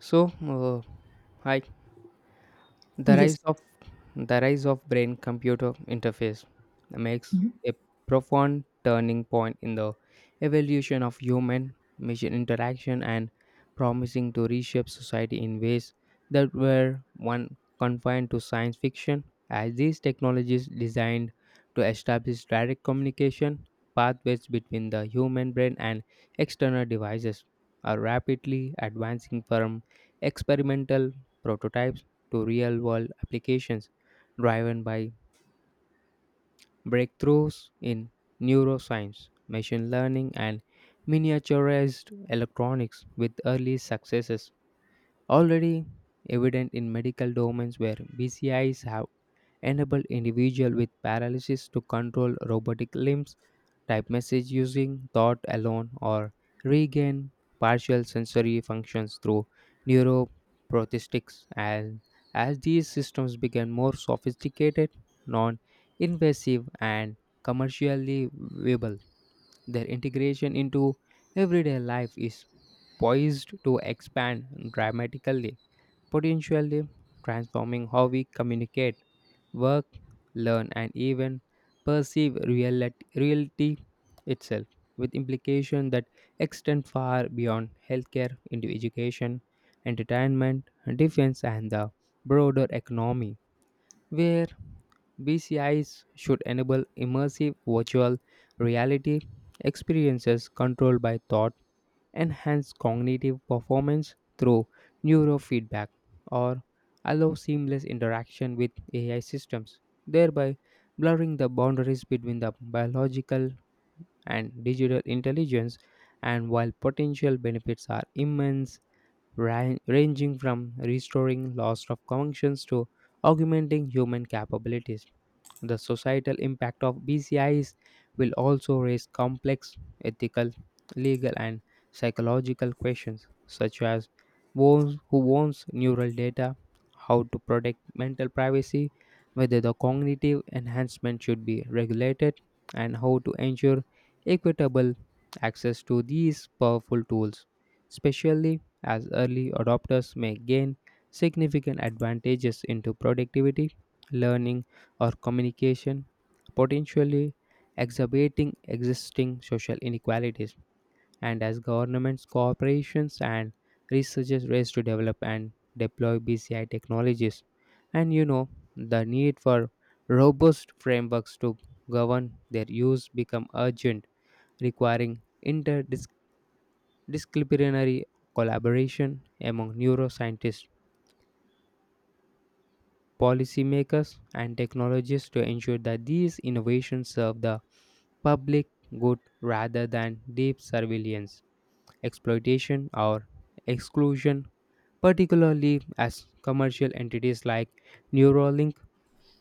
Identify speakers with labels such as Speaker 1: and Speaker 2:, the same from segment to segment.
Speaker 1: So, hi. The rise
Speaker 2: Yes.
Speaker 1: of the rise of brain computer interface makes
Speaker 2: Mhm.
Speaker 1: a profound turning point in the evolution of human machine interaction and promising to reshape society in ways that were one confined to science fiction as these technologies designed to establish direct communication pathways between the human brain and external devices are rapidly advancing from experimental prototypes to real world applications, driven by breakthroughs in neuroscience, machine learning, and miniaturized electronics, with early successes already evident in medical domains where BCIs have enable individual with paralysis to control robotic limbs, type message using thought alone, or regain partial sensory functions through neuroprosthetics. And as these systems became more sophisticated, non-invasive, and commercially viable, their integration into everyday life is poised to expand dramatically, potentially transforming how we communicate, work, learn, and even perceive reality itself, with implications that extend far beyond healthcare into education, entertainment, defense, and the broader economy, where BCIs should enable immersive virtual reality experiences controlled by thought, enhance cognitive performance through neurofeedback, or allow seamless interaction with AI systems, thereby blurring the boundaries between the biological and digital intelligence. And while potential benefits are immense, ranging from restoring loss of functions to augmenting human capabilities, the societal impact of BCIs will also raise complex ethical, legal, and psychological questions, such as who owns neural data, how to protect mental privacy, whether the cognitive enhancement should be regulated, and how to ensure equitable access to these powerful tools, especially as early adopters may gain significant advantages into productivity, learning, or communication, potentially exacerbating existing social inequalities. And as governments, corporations, and researchers race to develop and deploy BCI technologies, and the need for robust frameworks to govern their use become urgent, requiring interdisciplinary collaboration among neuroscientists, policymakers, and technologists to ensure that these innovations serve the public good rather than deep surveillance, exploitation, or exclusion, particularly as commercial entities like Neuralink,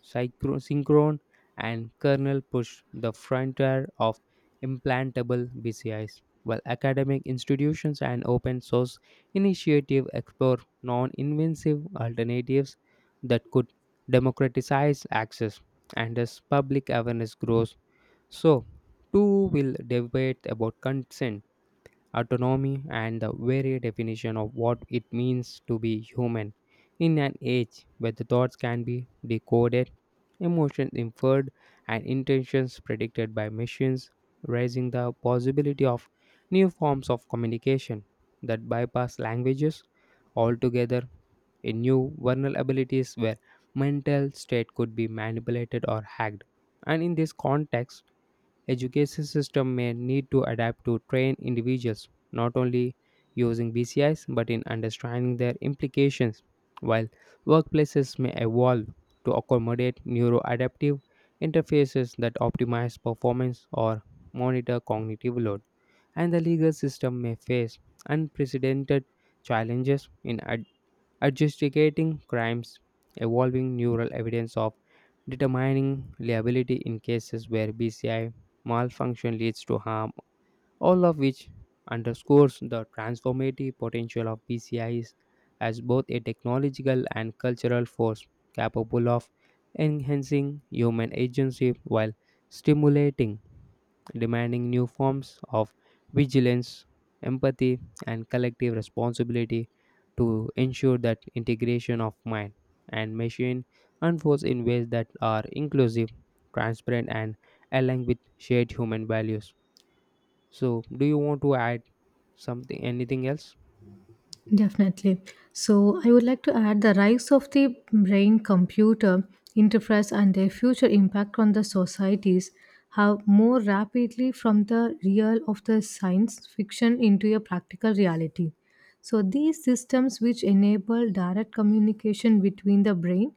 Speaker 1: Synchron, and Colonel Push, the frontier of implantable BCIs, while academic institutions and open source initiatives explore non invasive alternatives that could democratize access. And as public awareness grows, so too will debate about consent, autonomy, and the very definition of what it means to be human. In an age where the thoughts can be decoded, emotions inferred, and intentions predicted by machines, raising the possibility of new forms of communication that bypass languages altogether, in new vulnerabilities where mental state could be manipulated or hacked. And in this context, education system may need to adapt to train individuals not only using BCIs but in understanding their implications, while workplaces may evolve to accommodate neuroadaptive interfaces that optimize performance or monitor cognitive load, and the legal system may face unprecedented challenges in adjudicating crimes, evolving neural evidence of determining liability in cases where BCI malfunction leads to harm, all of which underscores the transformative potential of PCIs as both a technological and cultural force, capable of enhancing human agency while stimulating, demanding new forms of vigilance, empathy, and collective responsibility to ensure that integration of mind and machine unfolds in ways that are inclusive, transparent, and aligned with shared human values. So, do you want to add something, anything else?
Speaker 2: Definitely. So I would like to add the rise of the brain computer interface and their future impact on the societies have more rapidly from the real of the science fiction into a practical reality. So, these systems, which enable direct communication between the brain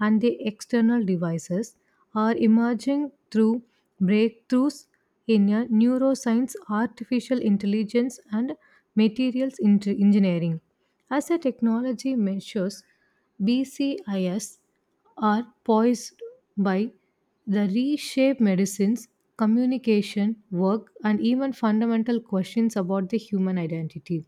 Speaker 2: and the external devices, are emerging through breakthroughs in neuroscience, artificial intelligence, and materials engineering. As the technology measures, BCIs are poised by the reshape medicines, communication, work, and even fundamental questions about the human identity.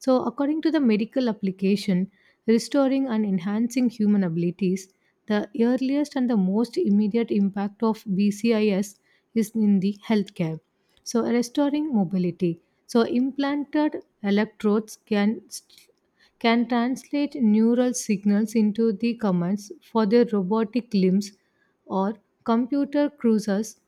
Speaker 2: So, according to the medical application, restoring and enhancing human abilities, the earliest and the most immediate impact of BCIs is in the healthcare. So, restoring mobility. So, implanted electrodes can translate neural signals into the commands for their robotic limbs or computer cruisers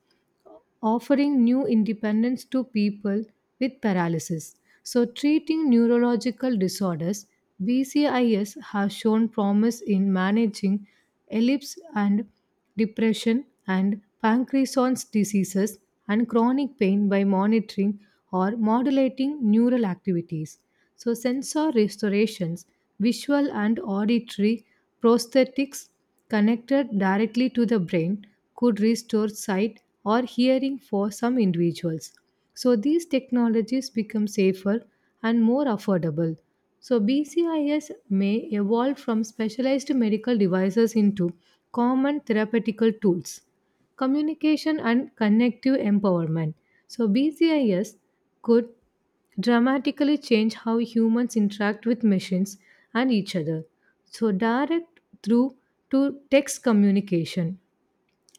Speaker 2: offering new independence to people with paralysis. So, treating neurological disorders, BCIs have shown promise in managing ellipse and depression and Parkinson's diseases and chronic pain by monitoring or modulating neural activities. So, sensor restorations, visual and auditory prosthetics, connected directly to the brain could restore sight or hearing for some individuals. So these technologies become safer and more affordable. So BCIs may evolve from specialized medical devices into common therapeutical tools. Communication and connective empowerment. So BCIs could dramatically change how humans interact with machines and each other. So, direct through to text communication,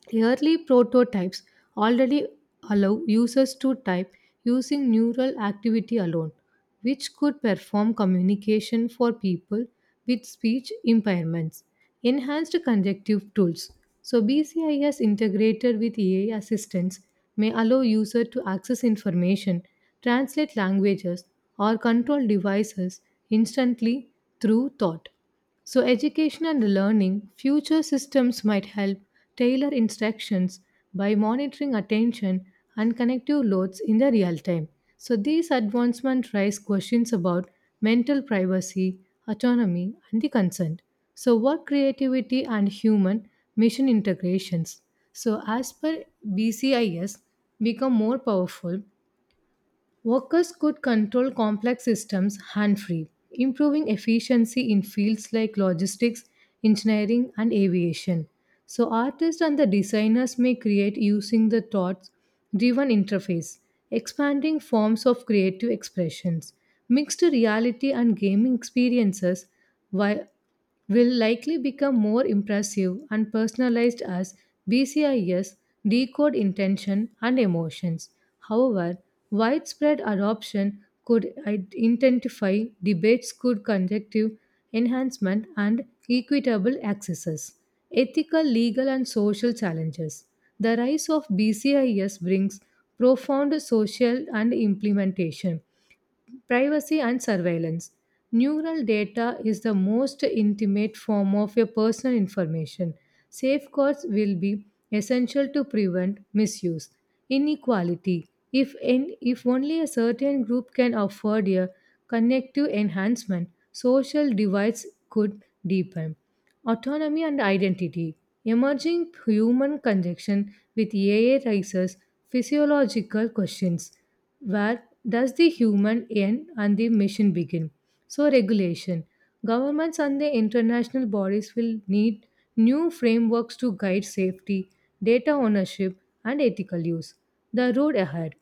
Speaker 2: the early prototypes already allow users to type using neural activity alone, which could perform communication for people with speech impairments. Enhanced conjunctive tools. So, BCIs integrated with AI assistance may allow users to access information, translate languages, or control devices instantly through thought. So, education and learning, future systems might help tailor instructions by monitoring attention and connective loads in the real time. So, these advancements raise questions about mental privacy, autonomy, and the consent. So, work creativity and human mission integrations. So, as per BCIs, become more powerful, workers could control complex systems hand free, improving efficiency in fields like logistics, engineering, and aviation. So, artists and the designers may create using the thoughts driven interface, expanding forms of creative expressions, mixed reality and gaming experiences, while will likely become more impressive and personalized as BCIs decode intention and emotions. However, widespread adoption could identify debates could conjective enhancement and equitable accesses. Ethical, legal, and social challenges. The rise of BCIs brings profound social and implementation. Privacy and surveillance. Neural data is the most intimate form of your personal information. Safeguards will be essential to prevent misuse. Inequality. If only a certain group can afford a connective enhancement, social divides could deepen. Autonomy and identity. Emerging human connection with AI raises physiological questions. Where does the human end and the machine begin? So, regulation. Governments and the international bodies will need new frameworks to guide safety, data ownership, and ethical use. The road ahead.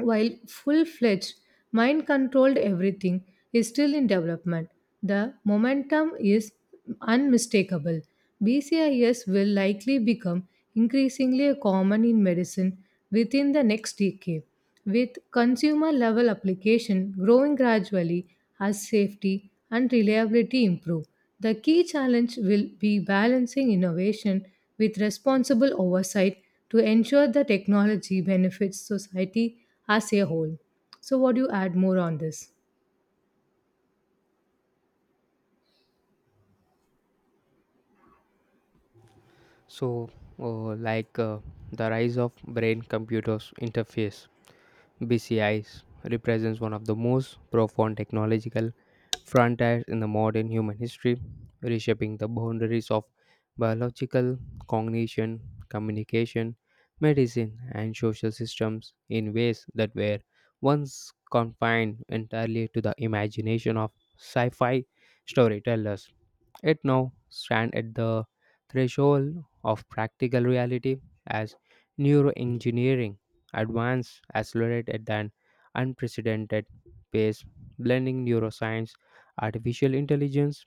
Speaker 2: While full fledged mind controlled everything is still in development, the momentum is unmistakable. BCIs will likely become increasingly common in medicine within the next decade, with consumer level application growing gradually as safety and reliability improve. The key challenge will be balancing innovation with responsible oversight to ensure the technology benefits society as a whole. So, what do you add more on this?
Speaker 1: So, like the rise of brain computers interface (BCIs) represents one of the most profound technological frontiers in the modern human history, reshaping the boundaries of biological cognition, communication, medicine, and social systems in ways that were once confined entirely to the imagination of sci-fi storytellers. It now stands at the threshold of practical reality as neuroengineering advances accelerate at an unprecedented pace, blending neuroscience, artificial intelligence,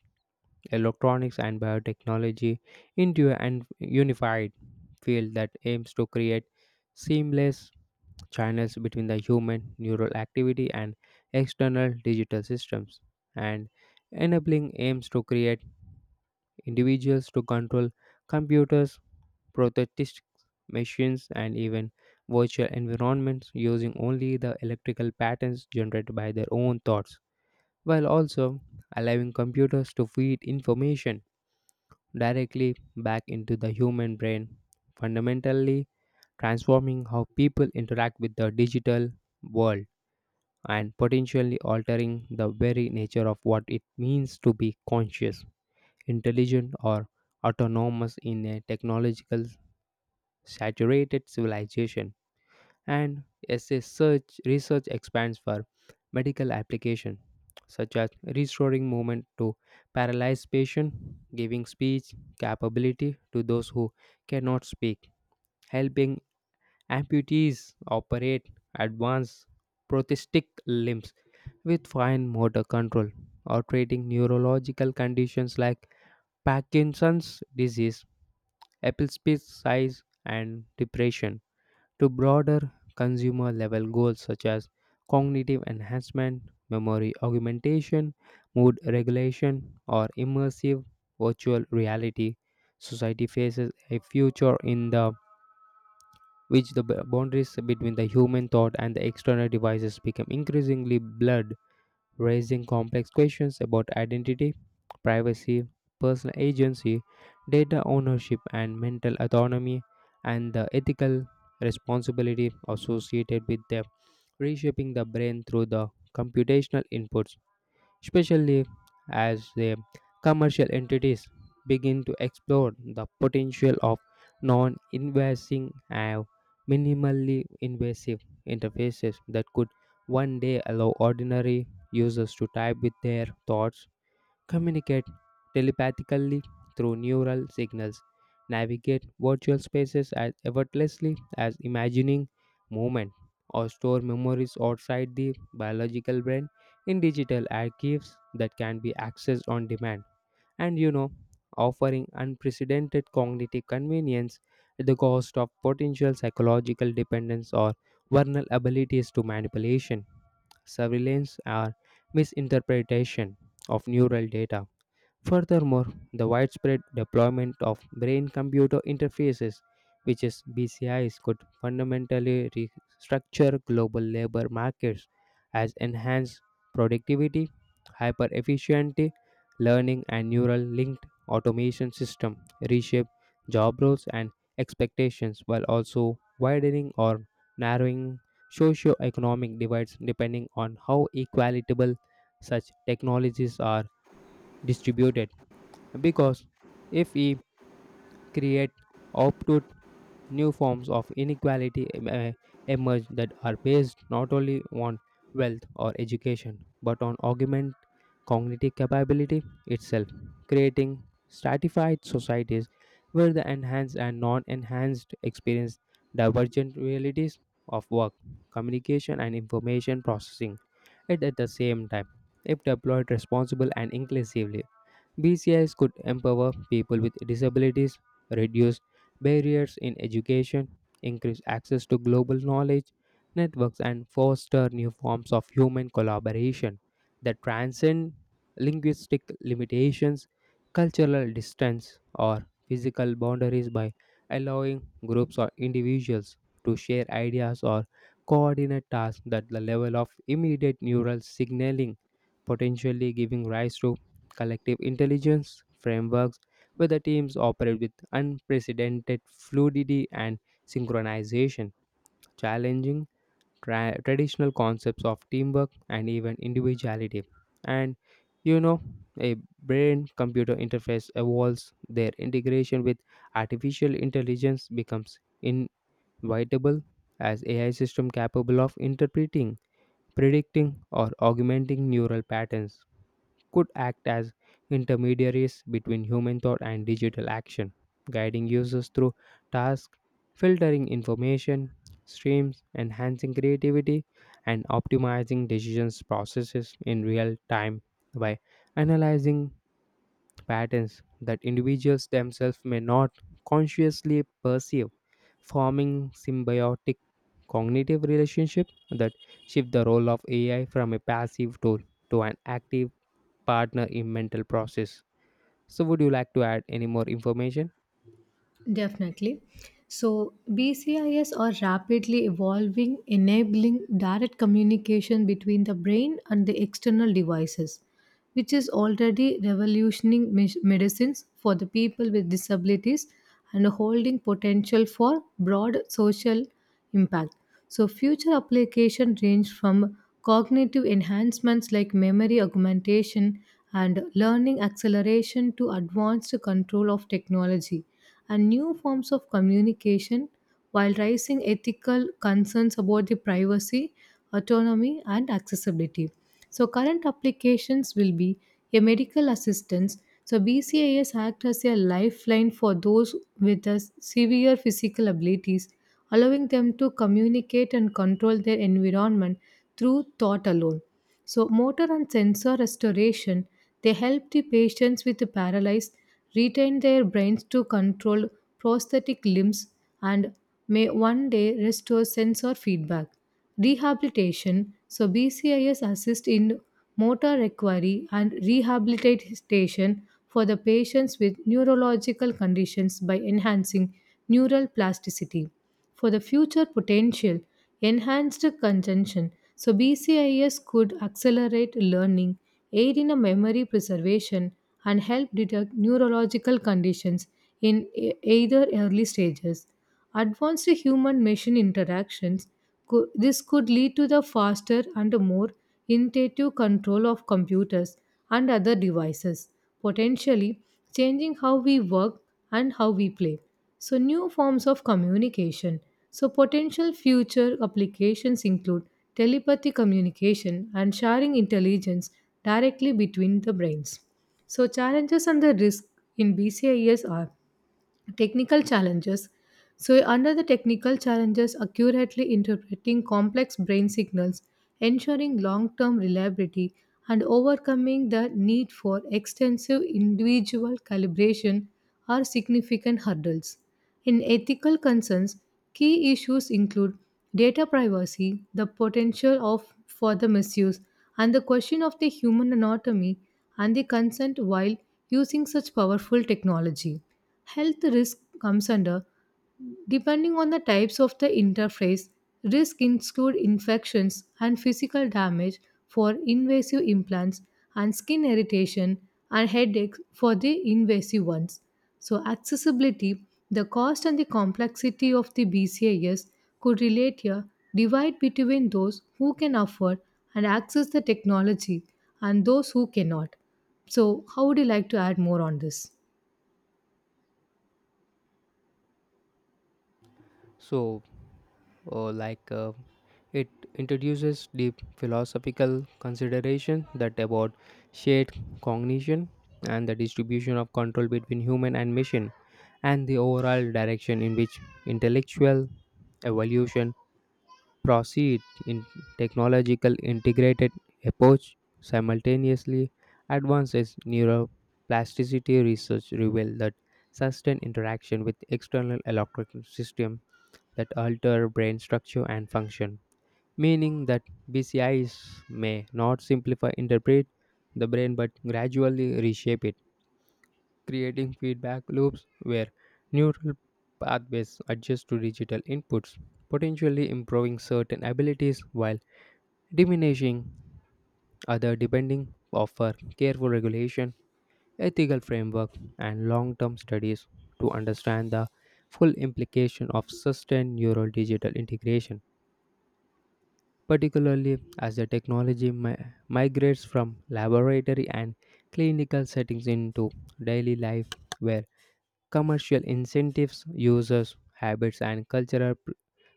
Speaker 1: electronics, and biotechnology into an unified field that aims to create seamless channels between the human neural activity and external digital systems, and enabling aims to create individuals to control computers, prosthetic machines, and even virtual environments using only the electrical patterns generated by their own thoughts, while also allowing computers to feed information directly back into the human brain, fundamentally transforming how people interact with the digital world and potentially altering the very nature of what it means to be conscious, intelligent, or autonomous in a technological saturated civilization. And as a search research expands for medical application such as restoring movement to paralyzed patients, giving speech capability to those who cannot speak, helping amputees operate advanced prosthetic limbs with fine motor control, or treating neurological conditions like Parkinson's disease, Apple's size, and depression, to broader consumer level goals such as cognitive enhancement, memory augmentation, mood regulation, or immersive virtual reality. Society faces a future in the which the boundaries between the human thought and the external devices become increasingly blurred, raising complex questions about identity, privacy, personal agency, data ownership, and mental autonomy, and the ethical responsibility associated with them, reshaping the brain through the computational inputs, especially as the commercial entities begin to explore the potential of non invasive and minimally invasive interfaces that could one day allow ordinary users to type with their thoughts, communicate telepathically through neural signals, navigate virtual spaces as effortlessly as imagining movement, or store memories outside the biological brain in digital archives that can be accessed on demand. And you know, offering unprecedented cognitive convenience at the cost of potential psychological dependence or vulnerabilities to manipulation, surveillance, or misinterpretation of neural data. Furthermore, the widespread deployment of brain computer interfaces, which is BCIs, could fundamentally restructure global labor markets as enhanced productivity, hyper efficiency, learning, and neural linked automation system reshape job roles and expectations, while also widening or narrowing socio-economic divides depending on how equitable such technologies are distributed, because if we create obtuse new forms of inequality emerge that are based not only on wealth or education but on augment cognitive capability itself, creating stratified societies where the enhanced and non-enhanced experience divergent realities of work, communication, and information processing. At the same time, if deployed responsibly and inclusively, BCIs could empower people with disabilities, reduce barriers in education, increase access to global knowledge networks, and foster new forms of human collaboration that transcend linguistic limitations, cultural distance, or physical boundaries by allowing groups or individuals to share ideas or coordinate tasks at the level of immediate neural signaling, potentially giving rise to collective intelligence frameworks where the teams operate with unprecedented fluidity and synchronization, challenging traditional concepts of teamwork and even individuality. And you know, a brain computer interface evolves, their integration with artificial intelligence becomes inevitable, as AI system capable of interpreting, predicting, or augmenting neural patterns could act as intermediaries between human thought and digital action, guiding users through tasks, filtering information streams, enhancing creativity, and optimizing decisions processes in real time by analyzing patterns that individuals themselves may not consciously perceive, forming symbiotic cognitive relationship that shift the role of AI from a passive tool to an active partner in mental process. So, would you like to add any more information?
Speaker 2: Definitely. So, BCIs are rapidly evolving, enabling direct communication between the brain and the external devices, which is already revolutioning medicines for the people with disabilities and holding potential for broad social impact. So, future application range from cognitive enhancements like memory augmentation and learning acceleration to advanced control of technology and new forms of communication while raising ethical concerns about the privacy, autonomy, and accessibility. So, current applications will be a medical assistance. So, BCIs act as a lifeline for those with a severe physical abilities, allowing them to communicate and control their environment through thought alone. So, motor and sensor restoration, they help the patients with the paralyzed retain their brains to control prosthetic limbs and may one day restore sensor feedback. Rehabilitation, so BCIs assist in motor recovery and rehabilitation for the patients with neurological conditions by enhancing neural plasticity for the future potential enhanced contention. So, BCIs could accelerate learning, aid in a memory preservation, and help detect neurological conditions in either early stages. Advanced human machine interactions, this could lead to the faster and more intuitive control of computers and other devices, potentially changing how we work and how we play. So, new forms of communication. So, potential future applications include telepathy communication and sharing intelligence directly between the brains. So, challenges and the risk in BCIs are technical challenges. So, under the technical challenges, accurately interpreting complex brain signals, ensuring long term reliability, and overcoming the need for extensive individual calibration are significant hurdles. In ethical concerns, key issues include data privacy, the potential of for the misuse, and the question of the human anatomy and the consent while using such powerful technology. Health risk comes under depending on the types of the interface, risk include infections and physical damage for invasive implants and skin irritation and headaches for the invasive ones. So accessibility, the cost and the complexity of the BCIs could relate here divide between those who can afford and access the technology and those who cannot. So how would you like to add more on this?
Speaker 1: So, like it introduces deep philosophical consideration that about shared cognition and the distribution of control between human and machine, and the overall direction in which intellectual evolution proceed in technological integrated approach, simultaneously advances neuroplasticity research reveal that sustained interaction with external electrical system that alter brain structure and function, meaning that BCIs may not simplify interpret the brain but gradually reshape it, creating feedback loops where neural pathways adjust to digital inputs, potentially improving certain abilities while diminishing other depending offer careful regulation, ethical framework, and long-term studies to understand the full implication of sustained neural digital integration, particularly as the technology migrates from laboratory and clinical settings into daily life where commercial incentives, users' habits, and cultural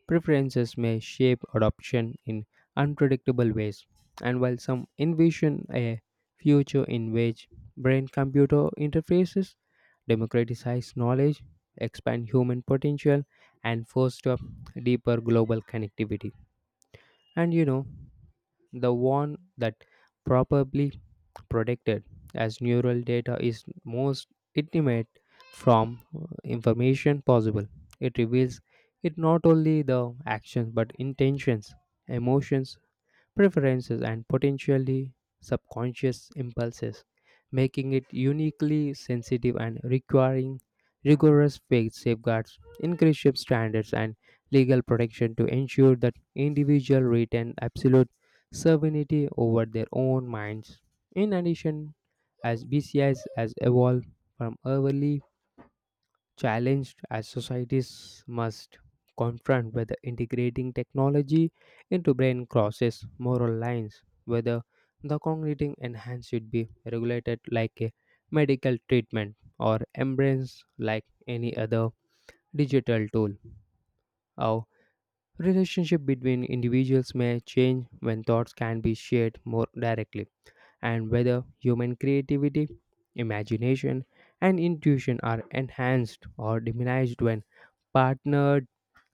Speaker 1: preferences may shape adoption in unpredictable ways. And while some envision a future in which brain computer interfaces democratize knowledge, expand human potential, and foster deeper global connectivity, and you know, the one that probably protected as neural data is most intimate from information possible. It reveals it not only the actions but intentions, emotions, preferences, and potentially subconscious impulses, making it uniquely sensitive and requiring rigorous faith safeguards, increased standards, and legal protection to ensure that individuals retain absolute sovereignty over their own minds. In addition, as BCIs has evolved from early challenged, as societies must confront whether integrating technology into brain crosses moral lines, whether the cognitive enhance should be regulated like a medical treatment or embraced like any other digital tool. Our relationship between individuals may change when thoughts can be shared more directly, and whether human creativity, imagination, and intuition are enhanced or diminished when partnered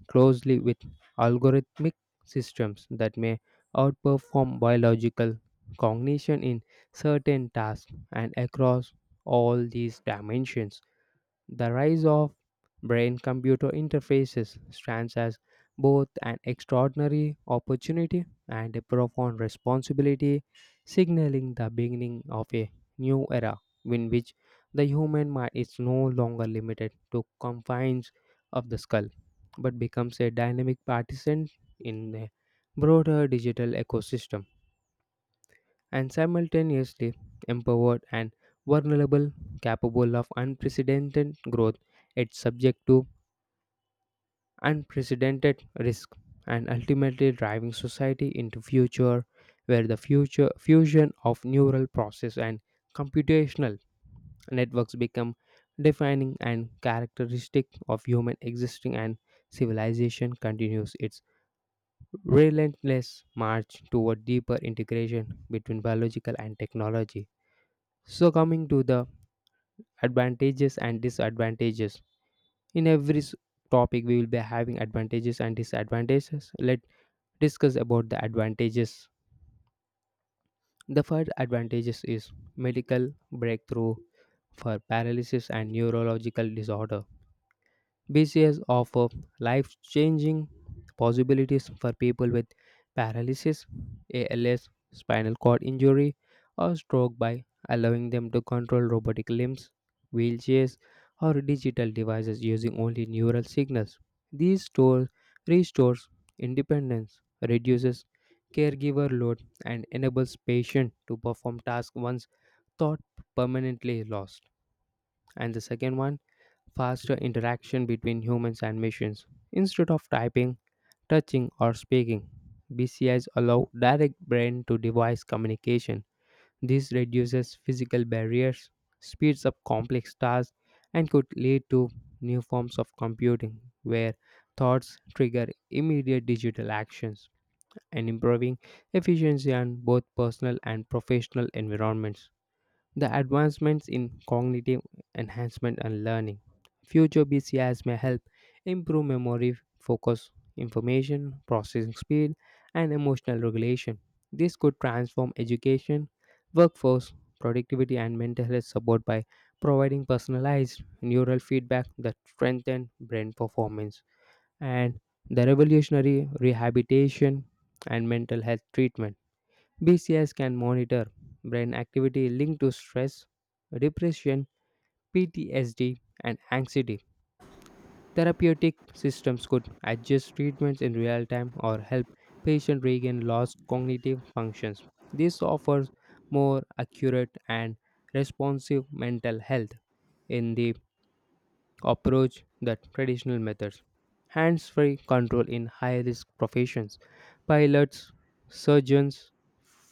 Speaker 1: closely with algorithmic systems that may outperform biological cognition in certain tasks and across all these dimensions. The rise of brain computer interfaces stands as both an extraordinary opportunity and a profound responsibility, signaling the beginning of a new era in which the human mind is no longer limited to confines of the skull but becomes a dynamic participant in a broader digital ecosystem and simultaneously empowered and vulnerable, capable of unprecedented growth, it's subject to unprecedented risk and ultimately driving society into future where the future fusion of neural process and computational networks become defining and characteristic of human existing and civilization continues its relentless march toward deeper integration between biological and technology. So, coming to the advantages and disadvantages. In every topic, we will be having advantages and disadvantages. Let's discuss about the advantages. The first advantages is medical breakthrough for paralysis and neurological disorder. BCS offer life-changing possibilities for people with paralysis, ALS, spinal cord injury, or stroke by allowing them to control robotic limbs, wheelchairs, or digital devices using only neural signals. These stores restores independence, reduces caregiver load, and enables patient to perform tasks once thought permanently lost. And the second one, faster interaction between humans and machines. Instead of typing, touching, or speaking, BCIs allow direct brain to device communication. This reduces physical barriers, speeds up complex tasks, and could lead to new forms of computing where thoughts trigger immediate digital actions and improving efficiency on both personal and professional environments. The advancements in cognitive enhancement and learning. Future BCIs may help improve memory, focus, information processing speed, and emotional regulation. This could transform education, workforce, productivity, and mental health support by providing personalized neural feedback that strengthen brain performance, and the revolutionary rehabilitation and mental health treatment. BCS can monitor brain activity linked to stress, depression, PTSD, and anxiety. Therapeutic systems could adjust treatments in real time or help patients regain lost cognitive functions. This offers more accurate and responsive mental health in the approach that traditional methods. Hands free control in high risk professions, pilots, surgeons,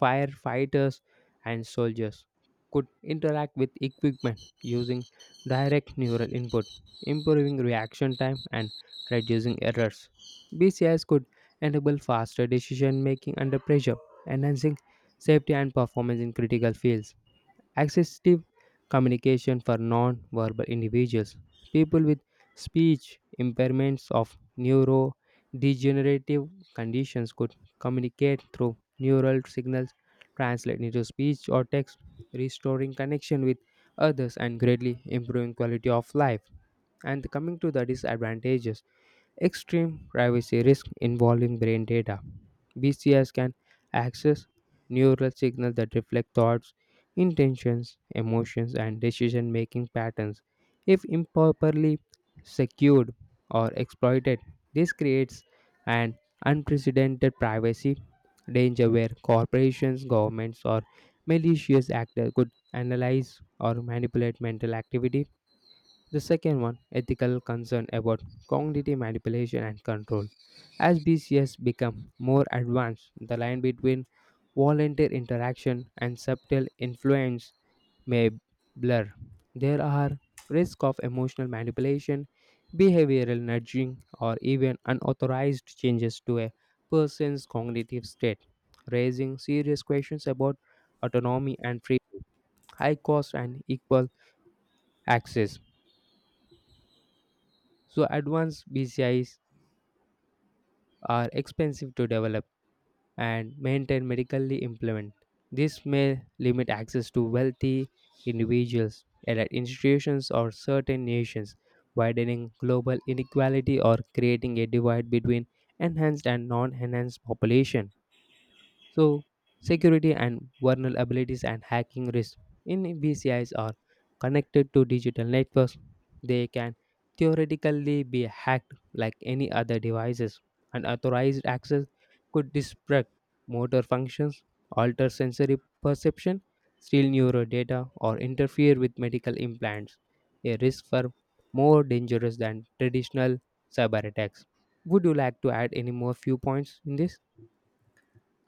Speaker 1: firefighters, and soldiers could interact with equipment using direct neural input, improving reaction time and reducing errors. BCIs could enable faster decision making under pressure, enhancing safety and performance in critical fields. Accessive communication for non verbal individuals, people with speech impairments of neurodegenerative conditions could communicate through neural signals translated into speech or text, restoring connection with others and greatly improving quality of life. And coming to the disadvantages. Extreme privacy risk involving brain data. BCS can access neural signals that reflect thoughts, intentions, emotions, and decision making patterns. If improperly secured or exploited, this creates an unprecedented privacy danger where corporations, governments, or malicious actors could analyze or manipulate mental activity. The second one, ethical concern about cognitive manipulation and control. As BCS become more advanced, the line between volunteer interaction and subtle influence may blur. There are risks of emotional manipulation, behavioral nudging, or even unauthorized changes to a person's cognitive state, raising serious questions about autonomy and free. High cost and equal access. So advanced BCIs are expensive to develop and maintain medically implement. This may limit access to wealthy individuals and at institutions or certain nations, widening global inequality or creating a divide between enhanced and non-enhanced population. So, security and vulnerabilities and hacking risk in VCIs are connected to digital networks. They can theoretically be hacked like any other devices. Unauthorized access could disrupt motor functions, alter sensory perception, steal neural data, or interfere with medical implants, a risk for more dangerous than traditional cyber attacks. Would you like to add any more few points in this?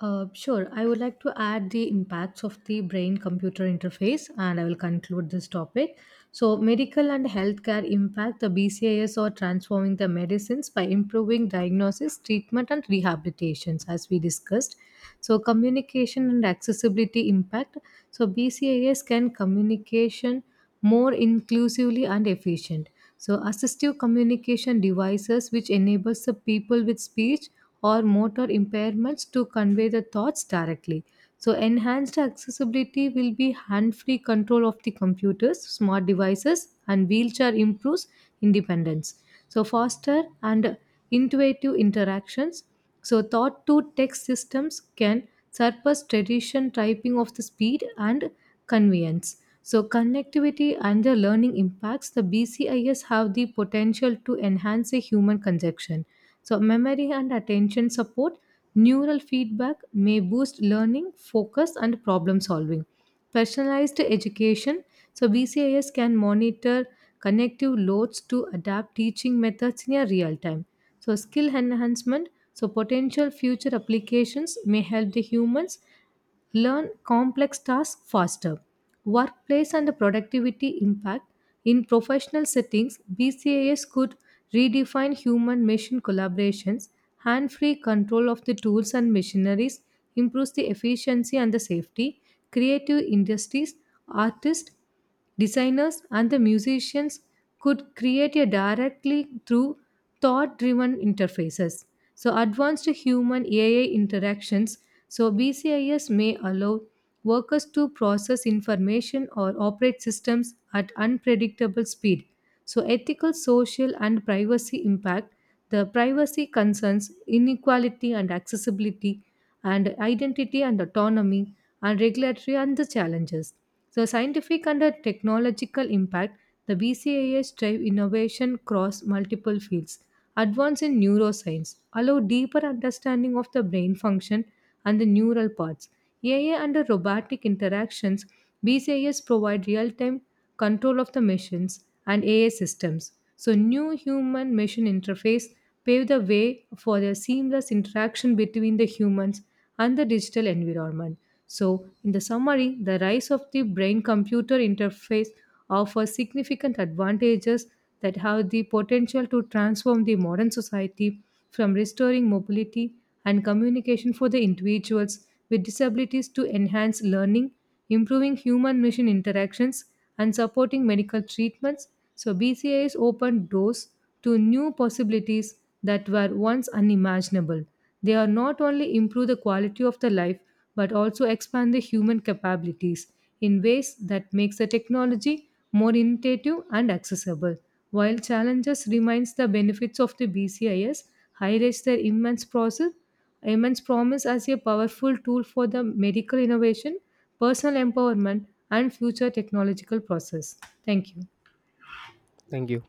Speaker 2: Sure, I would like to add the impacts of the brain computer interface and I will conclude this topic. So, medical and healthcare impact the BCIs are transforming the medicines by improving diagnosis, treatment, and rehabilitations, as we discussed. So, communication and accessibility impact. So, BCIs can communication more inclusively and efficient. So, assistive communication devices which enables the people with speech or motor impairments to convey the thoughts directly. So, enhanced accessibility will be hand free control of the computers, smart devices, and wheelchair improves independence. So, foster and intuitive interactions. So, thought to text systems can surpass tradition typing of the speed and convenience. So, connectivity and the learning impacts, the BCIs have the potential to enhance a human conception. So, memory and attention support, neural feedback may boost learning, focus, and problem solving. Personalized education, so BCIs can monitor connective loads to adapt teaching methods in a real time. So, skill enhancement, so potential future applications may help the humans learn complex tasks faster. Workplace and productivity impact in professional settings, BCAS could redefine human machine collaborations. Hand free control of the tools and machineries improves the efficiency and the safety. Creative industries, artists designers and the musicians could create a directly through thought driven interfaces. So, advanced human AI interactions. So, BCIs may allow workers to process information or operate systems at unpredictable speed. So, ethical, social, and privacy impact the privacy concerns inequality and accessibility, and identity and autonomy, and regulatory and the challenges. So, scientific and the technological impact the BCAAs drive innovation across multiple fields. Advance in neuroscience allow deeper understanding of the brain function and the neural paths. AI and the robotic interactions, BCIs provide real-time control of the machines, and AI systems. So, new human machine interface paved the way for the seamless interaction between the humans and the digital environment. So, in the summary, the rise of the brain computer interface offers significant advantages that have the potential to transform the modern society from restoring mobility and communication for the individuals with disabilities to enhance learning improving human machine interactions, and supporting medical treatments. So, BCIs opened doors to new possibilities that were once unimaginable. They are not only improve the quality of the life but also expand the human capabilities in ways that makes the technology more innovative and accessible. While challenges remains the benefits of the BCIs highlights their immense process immense promise as a powerful tool for the medical innovation, personal empowerment, and future technological process. Thank you.
Speaker 1: Thank you.